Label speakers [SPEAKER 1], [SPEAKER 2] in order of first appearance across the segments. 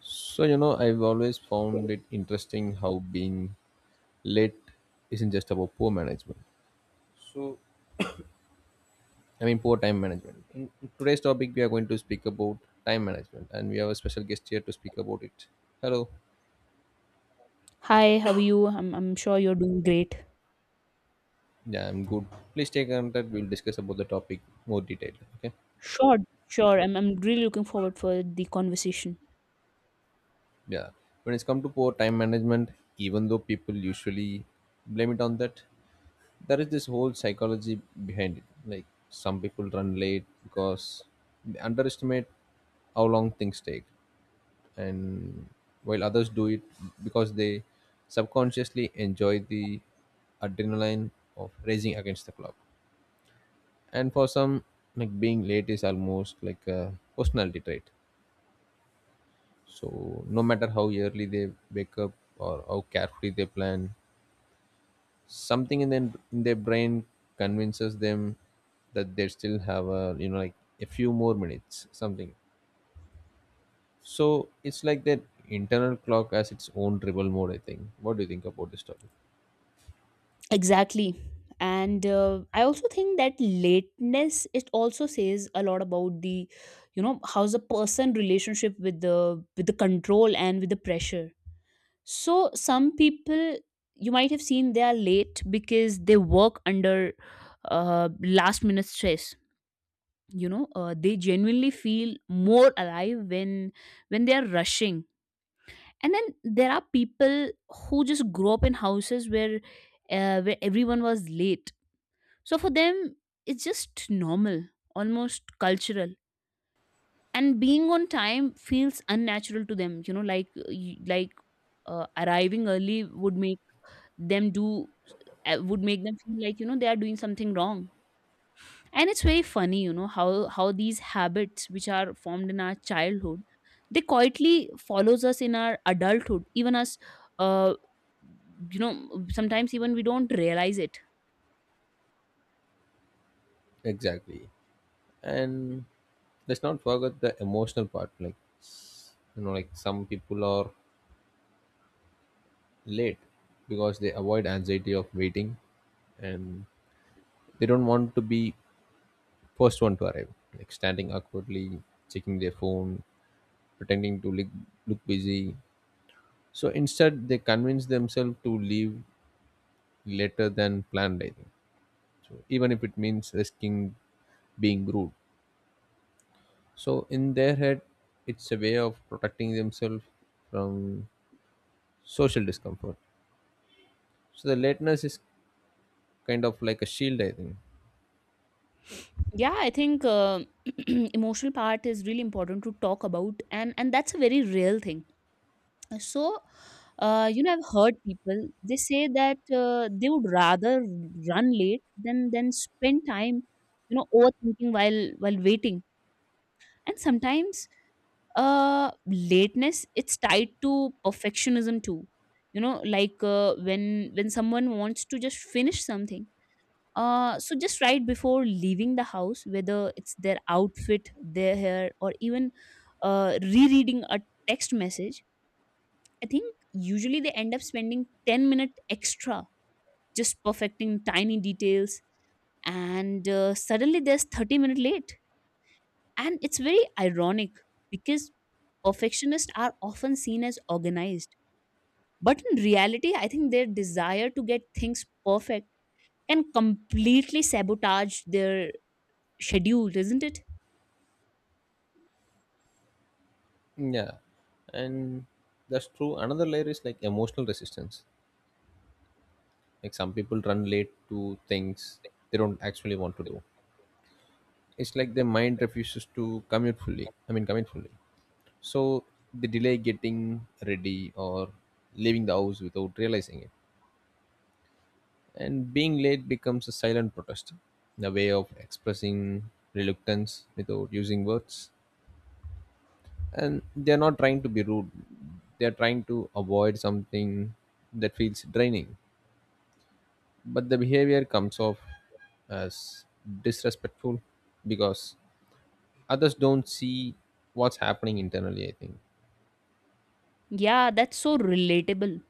[SPEAKER 1] So, you know, I've always found it interesting how being late isn't just about poor management. So, Poor time management. In today's topic, we are going to speak about time management, and we have a special guest here to speak about it. Hello.
[SPEAKER 2] Hi, how are you? I'm sure you're doing great.
[SPEAKER 1] Yeah, I'm good. Please take contact. We'll discuss about the topic more detailed. Okay.
[SPEAKER 2] Sure, sure. I'm really looking forward for the conversation.
[SPEAKER 1] Yeah. When it's come to poor time management, even though people usually blame it on that, there is this whole psychology behind it, like some people run late because they underestimate how long things take, and while others do it because they subconsciously enjoy the adrenaline of racing against the clock. And for some, like, being late is almost like a personality trait. So no matter how early they wake up or how carefully they plan, something in their brain convinces them that they still have a, a few more minutes, something. So it's like that internal clock has its own rebel mode, I think. What do you think about this topic?
[SPEAKER 2] Exactly. And I also think that lateness, it also says a lot about how's a person relationship with the control and with the pressure. So some people you might have seen they are late because they work under last minute stress. They genuinely feel more alive when they are rushing. And then there are people who just grow up in houses where everyone was late, so for them it's just normal, almost cultural, and being on time feels unnatural to them, arriving early would make them do would make them feel like they are doing something wrong. And it's very funny, you know, how these habits which are formed in our childhood, they quietly follows us in our adulthood, even us uh, you know, sometimes even we don't realize it.
[SPEAKER 1] Exactly. And let's not forget the emotional part. Like, some people are late because they avoid anxiety of waiting, and they don't want to be first one to arrive, like standing awkwardly, checking their phone, pretending to look busy. So instead, they convince themselves to leave later than planned, I think. So even if it means risking being rude. So in their head, it's a way of protecting themselves from social discomfort. So the lateness is kind of like a shield, I think.
[SPEAKER 2] Yeah, I think emotional part is really important to talk about, and that's a very real thing. So you know, I've heard people, they say that they would rather run late than spend time, you know, overthinking while waiting. And sometimes lateness it's tied to perfectionism too. You know, like when someone wants to just finish something, so just right before leaving the house, whether it's their outfit, their hair, or even rereading a text message. I think usually they end up spending 10 minutes extra just perfecting tiny details, and suddenly there's 30 minutes late. And it's very ironic because perfectionists are often seen as organized. But in reality, I think their desire to get things perfect can completely sabotage their schedule, isn't it?
[SPEAKER 1] Yeah, and that's true. Another layer is like emotional resistance. Like some people run late to things they don't actually want to do. It's like the mind refuses to commit fully. So they delay getting ready or leaving the house without realizing it, and being late becomes a silent protest, a way of expressing reluctance without using words. And they're not trying to be rude, they're trying to avoid something that feels draining, but the behavior comes off as disrespectful because others don't see what's happening internally, I think.
[SPEAKER 2] Yeah, that's so relatable.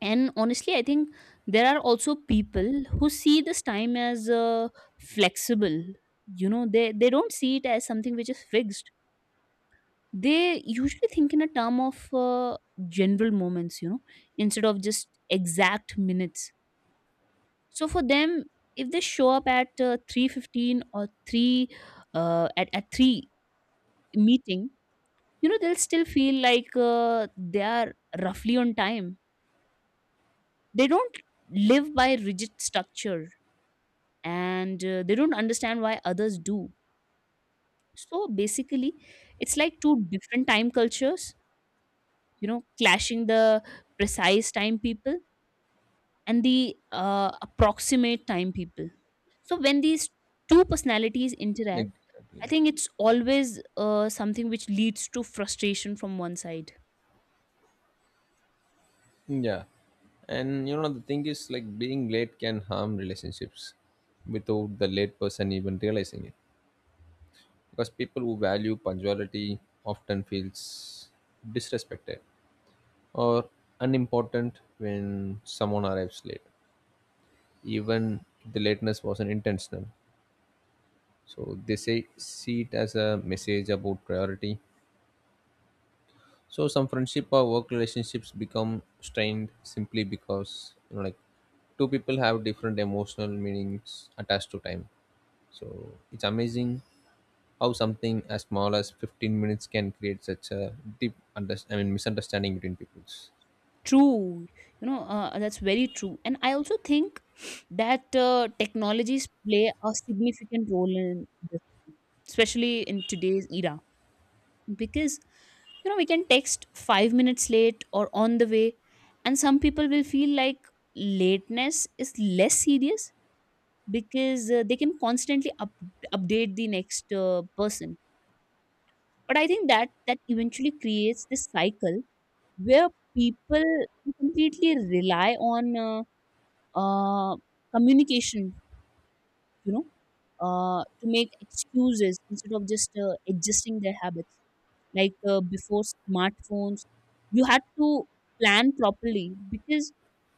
[SPEAKER 2] And honestly, I think there are also people who see this time as flexible. You know, they don't see it as something which is fixed. They usually think in a term of general moments, you know, instead of just exact minutes. So for them, if they show up at 3:15 or 3, at 3 meeting, you know, they'll still feel like they are roughly on time. They don't live by rigid structure, and they don't understand why others do. So basically, it's like two different time cultures, you know, clashing, the precise time people and the approximate time people. So when these two personalities interact,
[SPEAKER 1] Exactly.
[SPEAKER 2] I think it's always something which leads to frustration from one side.
[SPEAKER 1] Yeah. And you know, the thing is, like, being late can harm relationships without the late person even realizing it. Because people who value punctuality often feels disrespected or unimportant when someone arrives late. Even if the lateness wasn't intentional. So they say see it as a message about priority. So some friendship or work relationships become strained, simply because, you know, like, two people have different emotional meanings attached to time. So it's amazing how something as small as 15 minutes can create such a deep misunderstanding between peoples.
[SPEAKER 2] True, you know, that's very true. And I also think that technologies play a significant role in this, especially in today's era, because you know, we can text 5 minutes late or on the way, and some people will feel like lateness is less serious because they can constantly update the next person. But I think that eventually creates this cycle where people completely rely on uh, communication, you know, to make excuses instead of just adjusting their habits. Like before smartphones, you had to plan properly because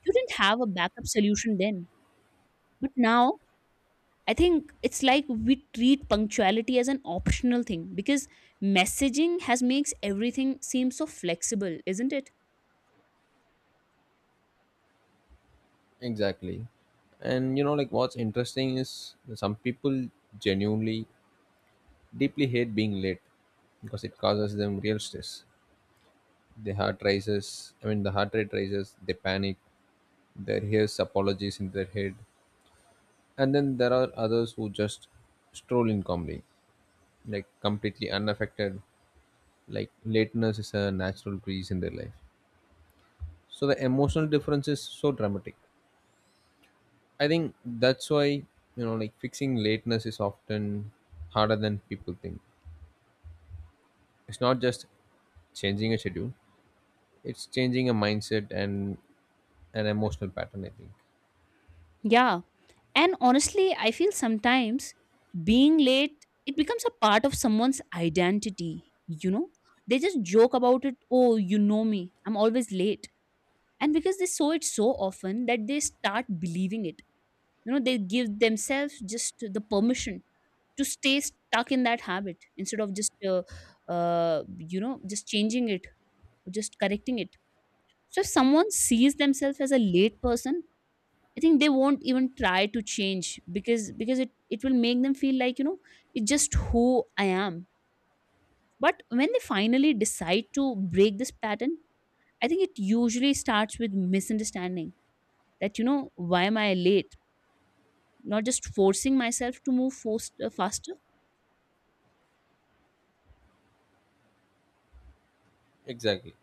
[SPEAKER 2] you didn't have a backup solution then. But now I think it's like we treat punctuality as an optional thing because messaging has makes everything seem so flexible, isn't it?
[SPEAKER 1] Exactly. And you know, like, what's interesting is that some people genuinely deeply hate being late because it causes them real stress. The heart rate rises, they panic. There hears apologies in their head. And then there are others who just stroll in calmly, like completely unaffected, like lateness is a natural breeze in their life. So the emotional difference is so dramatic. I think that's why, you know, like, fixing lateness is often harder than people think. It's not just changing a schedule, it's changing a mindset and an emotional pattern, I think.
[SPEAKER 2] Yeah. And honestly, I feel sometimes being late it becomes a part of someone's identity, you know? They just joke about it, "Oh, you know me. I'm always late." And because they saw it so often that they start believing it. You know, they give themselves just the permission to stay stuck in that habit instead of just you know, just changing it, just correcting it. So if someone sees themselves as a late person, I think they won't even try to change, because it will make them feel like, you know, it's just who I am. But when they finally decide to break this pattern, I think it usually starts with misunderstanding, that, you know, why am I late, not just forcing myself to move faster.
[SPEAKER 1] Exactly.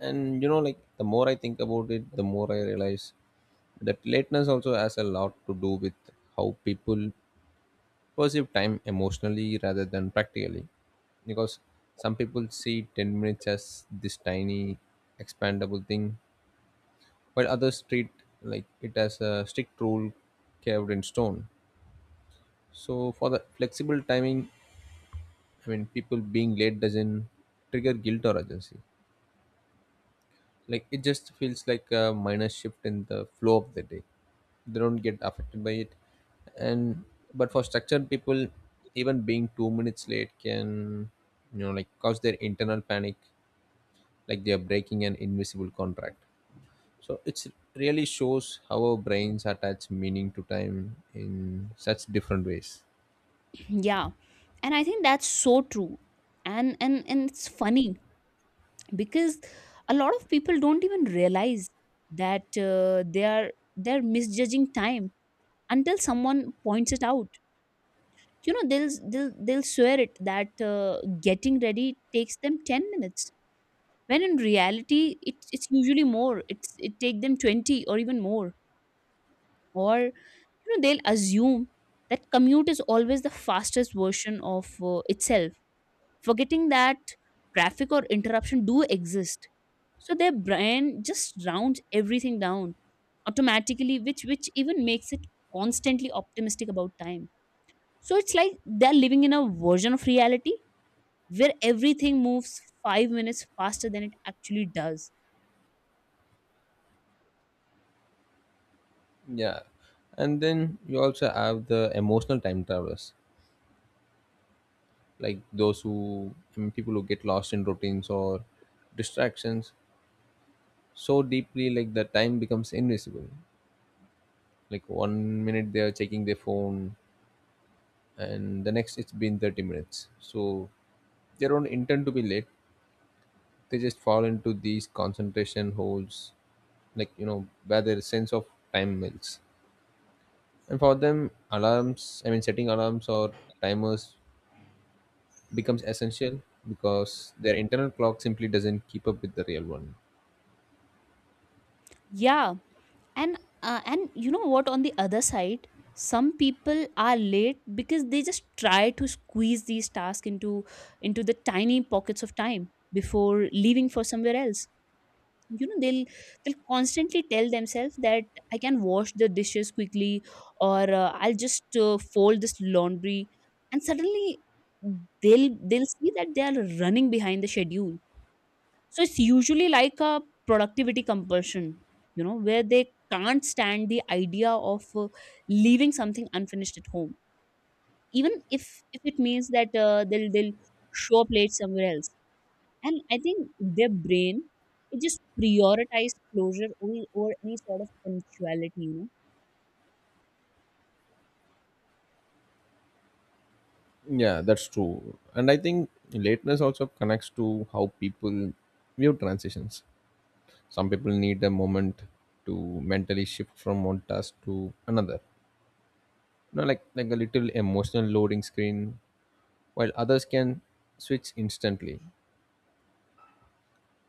[SPEAKER 1] And you know, like, the more I think about it, the more I realize that lateness also has a lot to do with how people perceive time emotionally rather than practically. Because some people see 10 minutes as this tiny expandable thing, while others treat like it as a strict rule carved in stone. So for the flexible timing I mean people being late doesn't trigger guilt or urgency, like it just feels like a minor shift in the flow of the day. They don't get affected by it. And but for structured people, even being 2 minutes late can, you know, like, cause their internal panic, like they are breaking an invisible contract. So it's really shows how our brains attach meaning to time in such different ways.
[SPEAKER 2] Yeah, and I think that's so true. And it's funny because a lot of people don't even realize that they're misjudging time until someone points it out. You know, they'll swear it that getting ready takes them 10 minutes, when in reality it's usually more, it take them 20 or even more. Or you know, they'll assume that commute is always the fastest version of itself, forgetting that traffic or interruption do exist. So their brain just rounds everything down automatically, which even makes it constantly optimistic about time. So it's like they're living in a version of reality where everything moves 5 minutes faster than it actually does.
[SPEAKER 1] Yeah, and then you also have the emotional time travelers, like those who I mean, people who get lost in routines or distractions so deeply like the time becomes invisible. Like 1 minute they are checking their phone, and the next it's been 30 minutes. So they don't intend to be late, they just fall into these concentration holes, like, you know, where their sense of time melts. And for them alarms I mean setting alarms or timers becomes essential, because their internal clock simply doesn't keep up with the real one.
[SPEAKER 2] Yeah, and you know what, on the other side, some people are late because they just try to squeeze these tasks into the tiny pockets of time before leaving for somewhere else. You know, they'll constantly tell themselves that I can wash the dishes quickly, or I'll just fold this laundry. And suddenly they'll see that they are running behind the schedule. So it's usually like a productivity compulsion, you know, where they can't stand the idea of leaving something unfinished at home, even if it means that they'll show up late somewhere else. And I think their brain, it just prioritizes closure over any sort of punctuality, you know.
[SPEAKER 1] Yeah, that's true. And I think lateness also connects to how people view transitions. Some people need a moment to mentally shift from one task to another. You know, like, a little emotional loading screen, while others can switch instantly.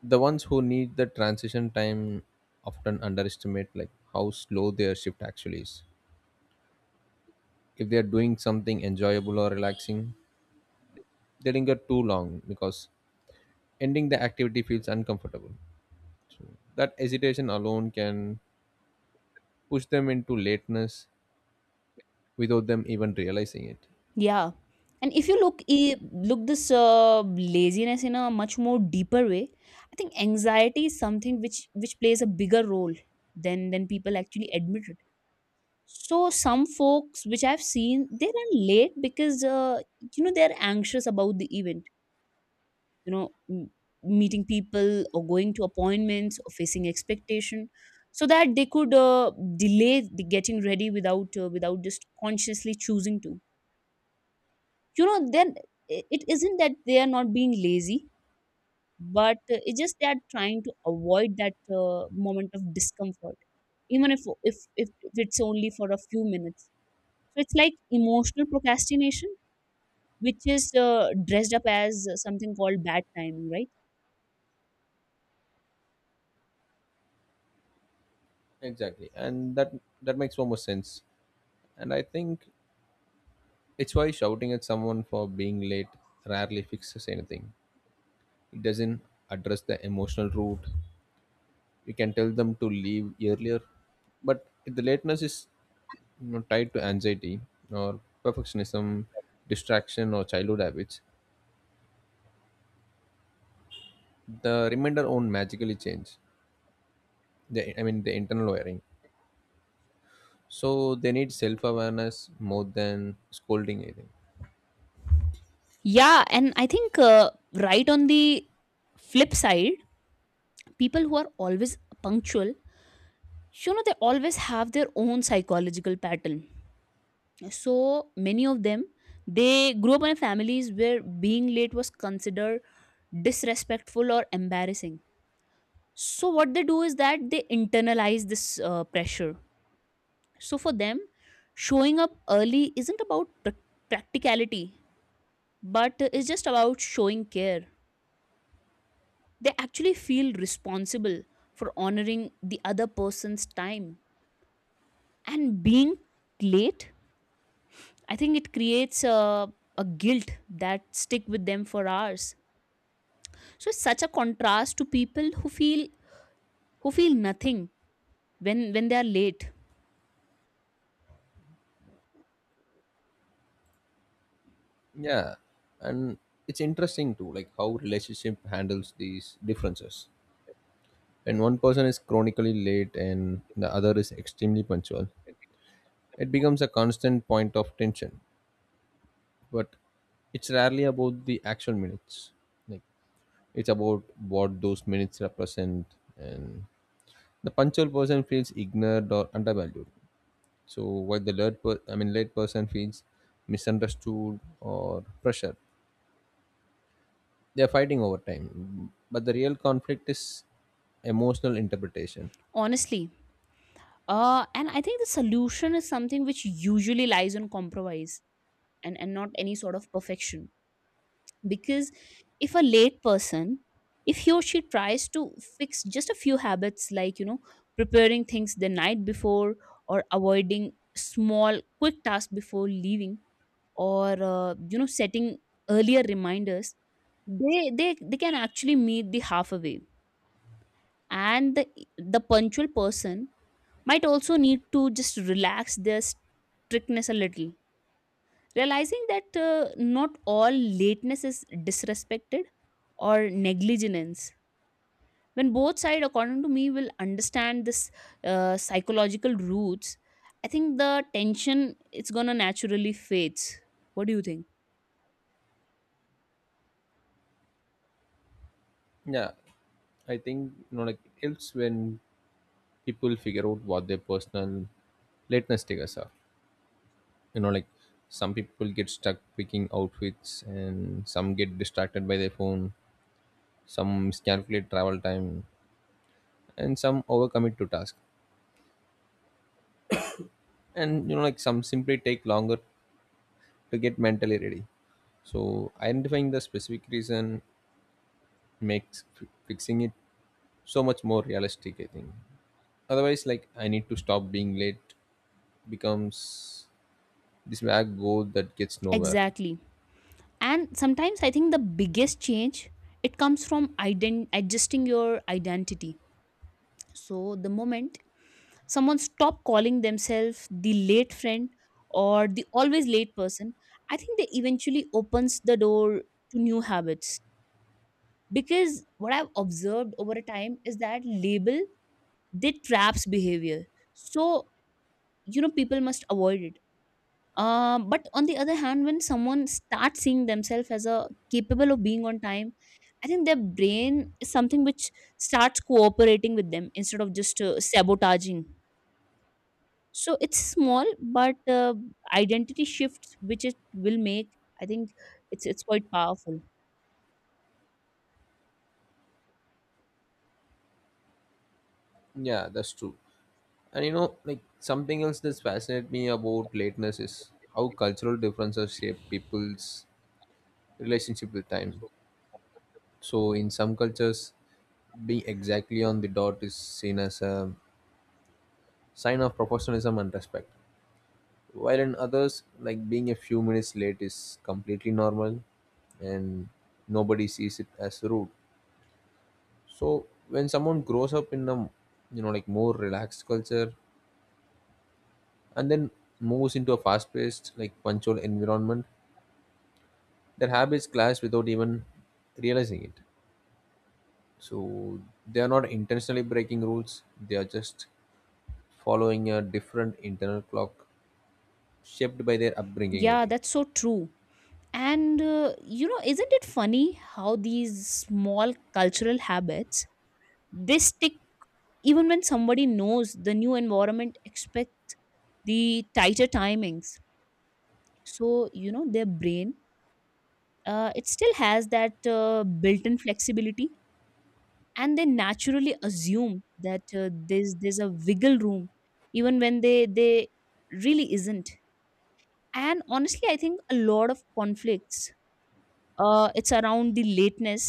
[SPEAKER 1] The ones who need the transition time often underestimate, like, how slow their shift actually is. If they are doing something enjoyable or relaxing, they linger too long because ending the activity feels uncomfortable. That hesitation alone can push them into lateness without them even realizing it.
[SPEAKER 2] Yeah. And if you look look this laziness in a much more deeper way, I think anxiety is something which plays a bigger role than people actually admit it. So some folks which I've seen, they run late because you know, they're anxious about the event. You know, meeting people or going to appointments or facing expectation, so that they could delay the getting ready without without just consciously choosing to. You know, then it isn't that they are not being lazy, but it's just they are trying to avoid that moment of discomfort, even if it's only for a few minutes. So it's like emotional procrastination which is dressed up as something called bad timing, right?
[SPEAKER 1] Exactly, and that makes so much sense. And I think it's why shouting at someone for being late rarely fixes anything. It doesn't address the emotional root. You can tell them to leave earlier, but if the lateness is, you know, tied to anxiety or perfectionism, distraction, or childhood habits, the remainder won't magically change. The I mean the internal wiring. So they need self awareness more than scolding, I think.
[SPEAKER 2] Yeah, and I think right on the flip side, people who are always punctual, you know, they always have their own psychological pattern. So many of them, they grew up in families where being late was considered disrespectful or embarrassing. So what they do is that they internalize this pressure. So for them, showing up early isn't about practicality, but it's just about showing care. They actually feel responsible for honoring the other person's time, and being late, I think it creates a guilt that stick with them for hours. So it's such a contrast to people who feel nothing when they are late.
[SPEAKER 1] Yeah, and it's interesting too, like, how relationship handles these differences. When one person is chronically late and the other is extremely punctual, it becomes a constant point of tension. But it's rarely about the actual minutes, like, it's about what those minutes represent. And the punctual person feels ignored or undervalued. So while the late person feels misunderstood or pressure, they are fighting over time. But the real conflict is emotional interpretation.
[SPEAKER 2] Honestly, and I think the solution is something which usually lies on compromise, and not any sort of perfection. Because if a late person, if he or she tries to fix just a few habits, like, you know, preparing things the night before, or avoiding small quick tasks before leaving, or you know, setting earlier reminders, they can actually meet the halfway. And the punctual person might also need to just relax their strictness a little, realizing that not all lateness is disrespected or negligence. When both side, according to me, will understand this psychological roots, I think the tension, it's gonna naturally fades. What do you think?
[SPEAKER 1] Yeah, I think, you know, like, helps when people figure out what their personal lateness triggers are. You know, like, some people get stuck picking outfits, and some get distracted by their phone, some miscalculate travel time, and some overcommit to task. And you know, like, some simply take longer to get mentally ready. So identifying the specific reason makes fixing it so much more realistic, I think. Otherwise, like, I need to stop being late becomes this vague goal that gets nowhere.
[SPEAKER 2] Exactly. And sometimes I think the biggest change, it comes from adjusting your identity. So the moment someone stop calling themselves the late friend or the always late person, I think they eventually opens the door to new habits. Because what I've observed over a time is that label, they traps behavior. So you know, people must avoid it. But on the other hand, when someone starts seeing themselves as a capable of being on time, I think their brain is something which starts cooperating with them instead of just sabotaging. So it's small, but identity shift which it will make, I think it's quite powerful.
[SPEAKER 1] Yeah, that's true. And you know, like, something else that's fascinated me about lateness is how cultural differences shape people's relationship with time. So in some cultures, being exactly on the dot is seen as a sign of professionalism and respect, while in others, like, being a few minutes late is completely normal and nobody sees it as rude. So when someone grows up in a, you know, like, more relaxed culture, and then moves into a fast paced, like, punctual environment, their habits clash without even realizing it. So they are not intentionally breaking rules, they are just following a different internal clock shaped by their upbringing, I
[SPEAKER 2] Yeah,
[SPEAKER 1] think.
[SPEAKER 2] that's so true. And you know, isn't it funny how these small cultural habits they stick even when somebody knows the new environment, the tighter timings. So you know their brain, it still has that built-in flexibility, and they naturally assume that there's a wiggle room even when they really isn't. And honestly I think a lot of conflicts, it's around the lateness,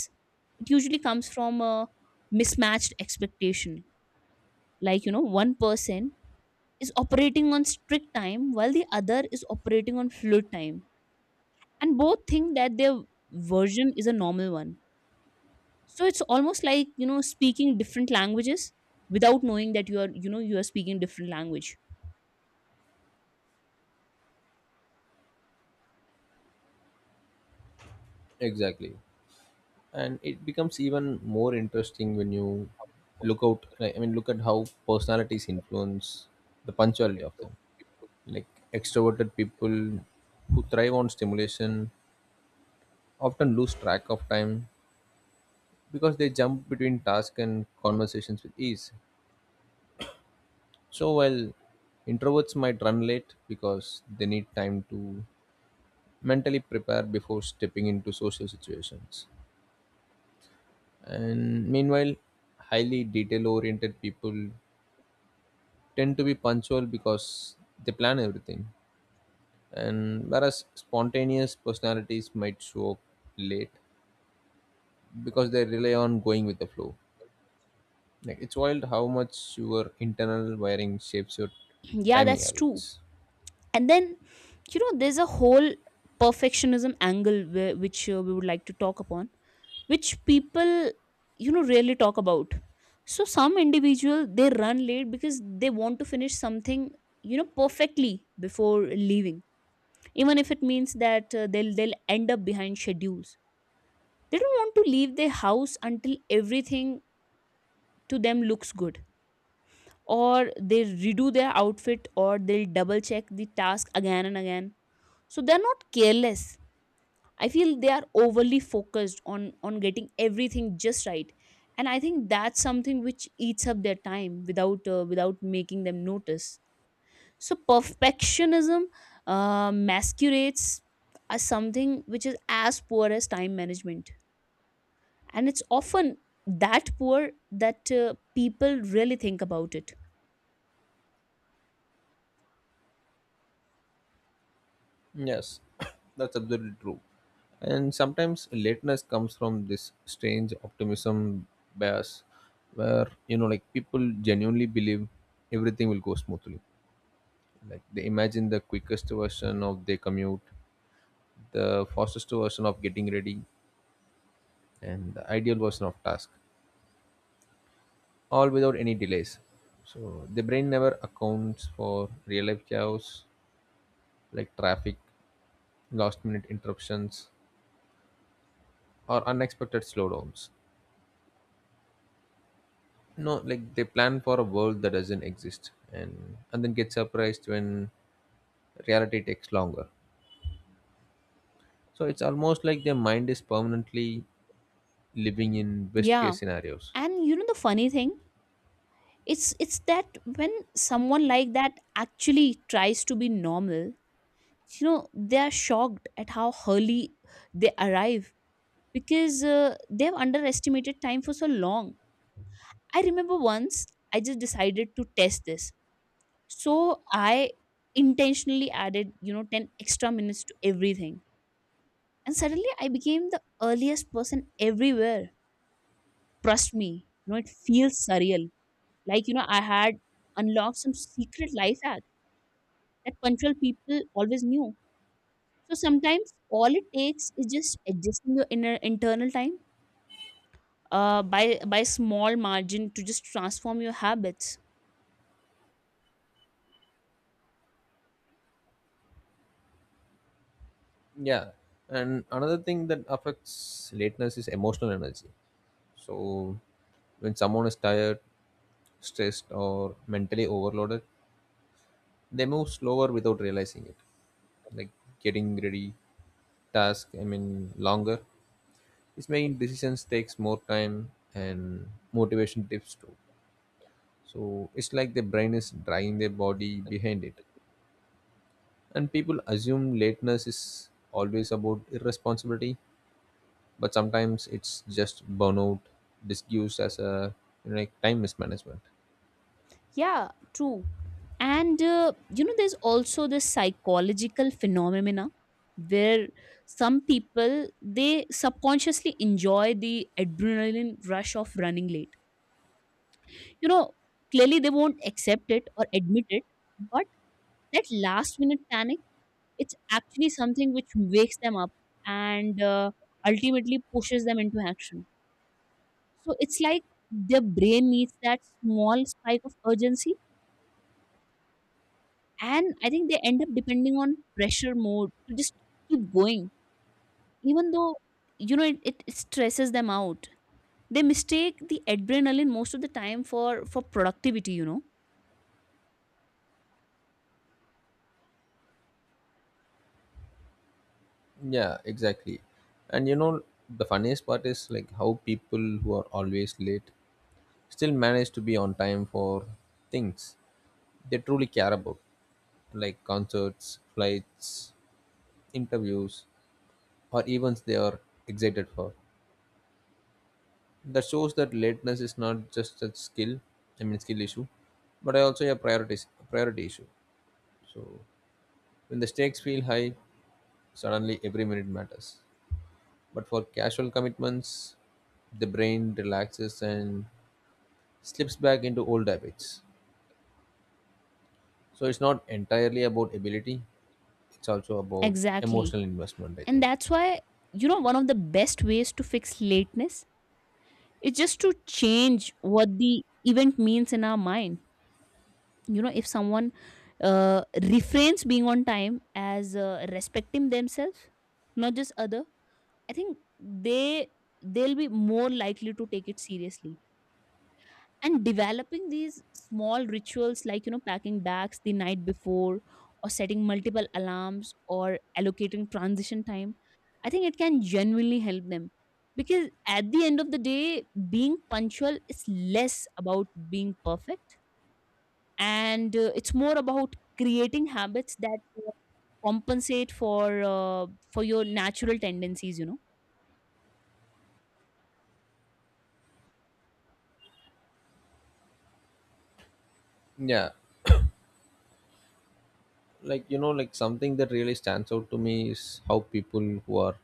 [SPEAKER 2] it usually comes from a mismatched expectation. Like you know, one person is operating on strict time while the other is operating on fluid time, and both think that their version is a normal one. So it's almost like you know speaking different languages without knowing that you are, you know, you are speaking different language.
[SPEAKER 1] Exactly. And it becomes even more interesting when you look out like, I mean look at how personalities influence the punctuality of them. Like extroverted people who thrive on stimulation often lose track of time because they jump between tasks and conversations with ease. So while introverts might run late because they need time to mentally prepare before stepping into social situations. And meanwhile, highly detail oriented people tend to be punctual because they plan everything. And whereas spontaneous personalities might show up late because they rely on going with the flow. Like, it's wild how much your internal wiring shapes your
[SPEAKER 2] Yeah,
[SPEAKER 1] timing
[SPEAKER 2] that's true.
[SPEAKER 1] habits.
[SPEAKER 2] And then you know there's a whole perfectionism angle where, which we would like to talk upon, which people you know rarely talk about. So some individual, they run late because they want to finish something you know perfectly before leaving, even if it means that they'll end up behind schedules. They don't want to leave their house until everything to them looks good. Or they redo their outfit, or they'll double check the task again and again. So they're not careless. I feel they are overly focused on getting everything just right. And I think that's something which eats up their time without without making them notice. So perfectionism masquerades as something which is as poor as time management, and it's often that poor that people really think about it.
[SPEAKER 1] Yes, that's absolutely true. And sometimes lateness comes from this strange optimism bias, where, you know, like, people genuinely believe everything will go smoothly. Like they imagine the quickest version of their commute, the fastest version of getting ready, and the ideal version of task, all without any delays. So the brain never accounts for real life chaos, like traffic, last minute interruptions, or unexpected slowdowns. No, like, they plan for a world that doesn't exist, and then get surprised when reality takes longer. So it's almost like their mind is permanently living in best
[SPEAKER 2] Yeah,
[SPEAKER 1] case scenarios.
[SPEAKER 2] and you know the funny thing, it's that when someone like that actually tries to be normal, you know they are shocked at how early they arrive, because they've underestimated time for so long. I remember once I just decided to test this. So I intentionally added you know 10 extra minutes to everything, and suddenly I became the earliest person everywhere. Trust me, you know it feels surreal, like you know I had unlocked some secret life hack that punctual people always knew. So sometimes all it takes is just adjusting your inner internal time uh, by by small margin to just transform your habits.
[SPEAKER 1] Yeah. And another thing that affects lateness is emotional energy. So when someone is tired, stressed, or mentally overloaded, they move slower without realizing it. Like getting ready, longer. It's making decisions takes more time, and motivation dips too. So it's like the brain is dragging their body behind it. And people assume lateness is always about irresponsibility, but sometimes it's just burnout disguised as a, you know, like, time mismanagement.
[SPEAKER 2] Yeah, true. And you know, there's also this psychological phenomena where some people they subconsciously enjoy the adrenaline rush of running late. You know, clearly they won't accept it or admit it, but that last minute panic, it's actually something which wakes them up and ultimately pushes them into action. So it's like their brain needs that small spike of urgency. And I think they end up depending on pressure mode to just keep going, even though, you know, it stresses them out. They mistake the adrenaline most of the time for productivity, you know.
[SPEAKER 1] Yeah, exactly. And you know, the funniest part is, like, how people who are always late still manage to be on time for things they truly care about, like concerts, flights, interviews, or events they are excited for. That shows that lateness is not just a skill I mean skill issue, but also a priorities priority issue. So when the stakes feel high, suddenly every minute matters. But for casual commitments, the brain relaxes and slips back into old habits. So it's not entirely about ability, it's also about
[SPEAKER 2] Exactly.
[SPEAKER 1] emotional investment, I
[SPEAKER 2] And
[SPEAKER 1] think.
[SPEAKER 2] that's why, you know, one of the best ways to fix lateness is just to change what the event means in our mind. You know, if someone refrains being on time as respecting themselves, not just other, I think they they'll be more likely to take it seriously. And developing these small rituals, like you know packing bags the night before, or setting multiple alarms, or allocating transition time, I think it can genuinely help them. Because at the end of the day, being punctual is less about being perfect and it's more about creating habits that compensate for your natural tendencies, you know.
[SPEAKER 1] Yeah, like, you know, like, something that really stands out to me is how people who are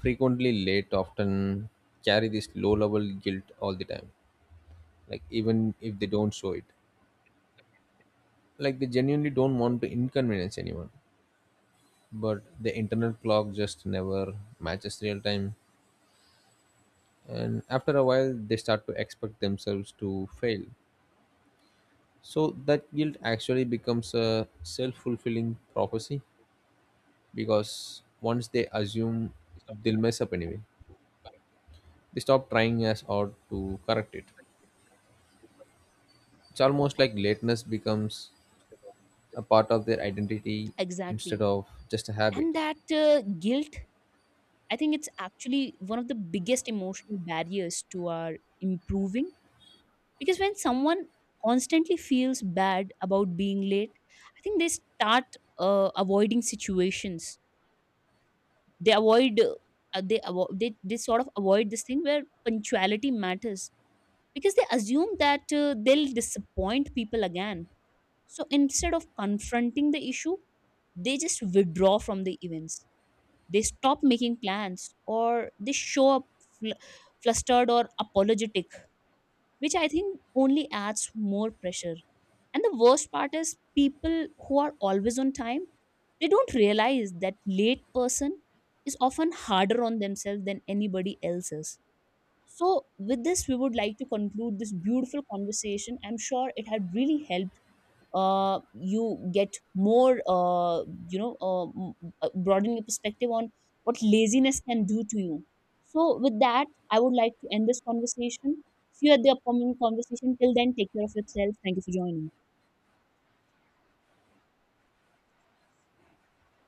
[SPEAKER 1] frequently late often carry this low level guilt all the time, like even if they don't show it. Like they genuinely don't want to inconvenience anyone, but the internal clock just never matches real time. And after a while, they start to expect themselves to fail. So that guilt actually becomes a self-fulfilling prophecy, because once they assume they'll mess up anyway, they stop trying as hard to correct it. It's almost like lateness becomes a part of their identity
[SPEAKER 2] Exactly.
[SPEAKER 1] instead of just a habit.
[SPEAKER 2] And that guilt, I think it's actually one of the biggest emotional barriers to our improving. Because when someone constantly feels bad about being late, I think they start avoiding situations. They avoid they sort of avoid this thing where punctuality matters, because they assume that they'll disappoint people again. So instead of confronting the issue, they just withdraw from the events. They stop making plans, or they show up fl- flustered or apologetic, which I think only adds more pressure. And the worst part is, people who are always on time, they don't realize that late person is often harder on themselves than anybody else is. So with this we would like to conclude this beautiful conversation. I'm sure it had really helped you get more you know broaden your perspective on what laziness can do to you. So with that I would like to end this conversation. See you at the upcoming conversation. Till then, take care of yourself. Thank you for joining.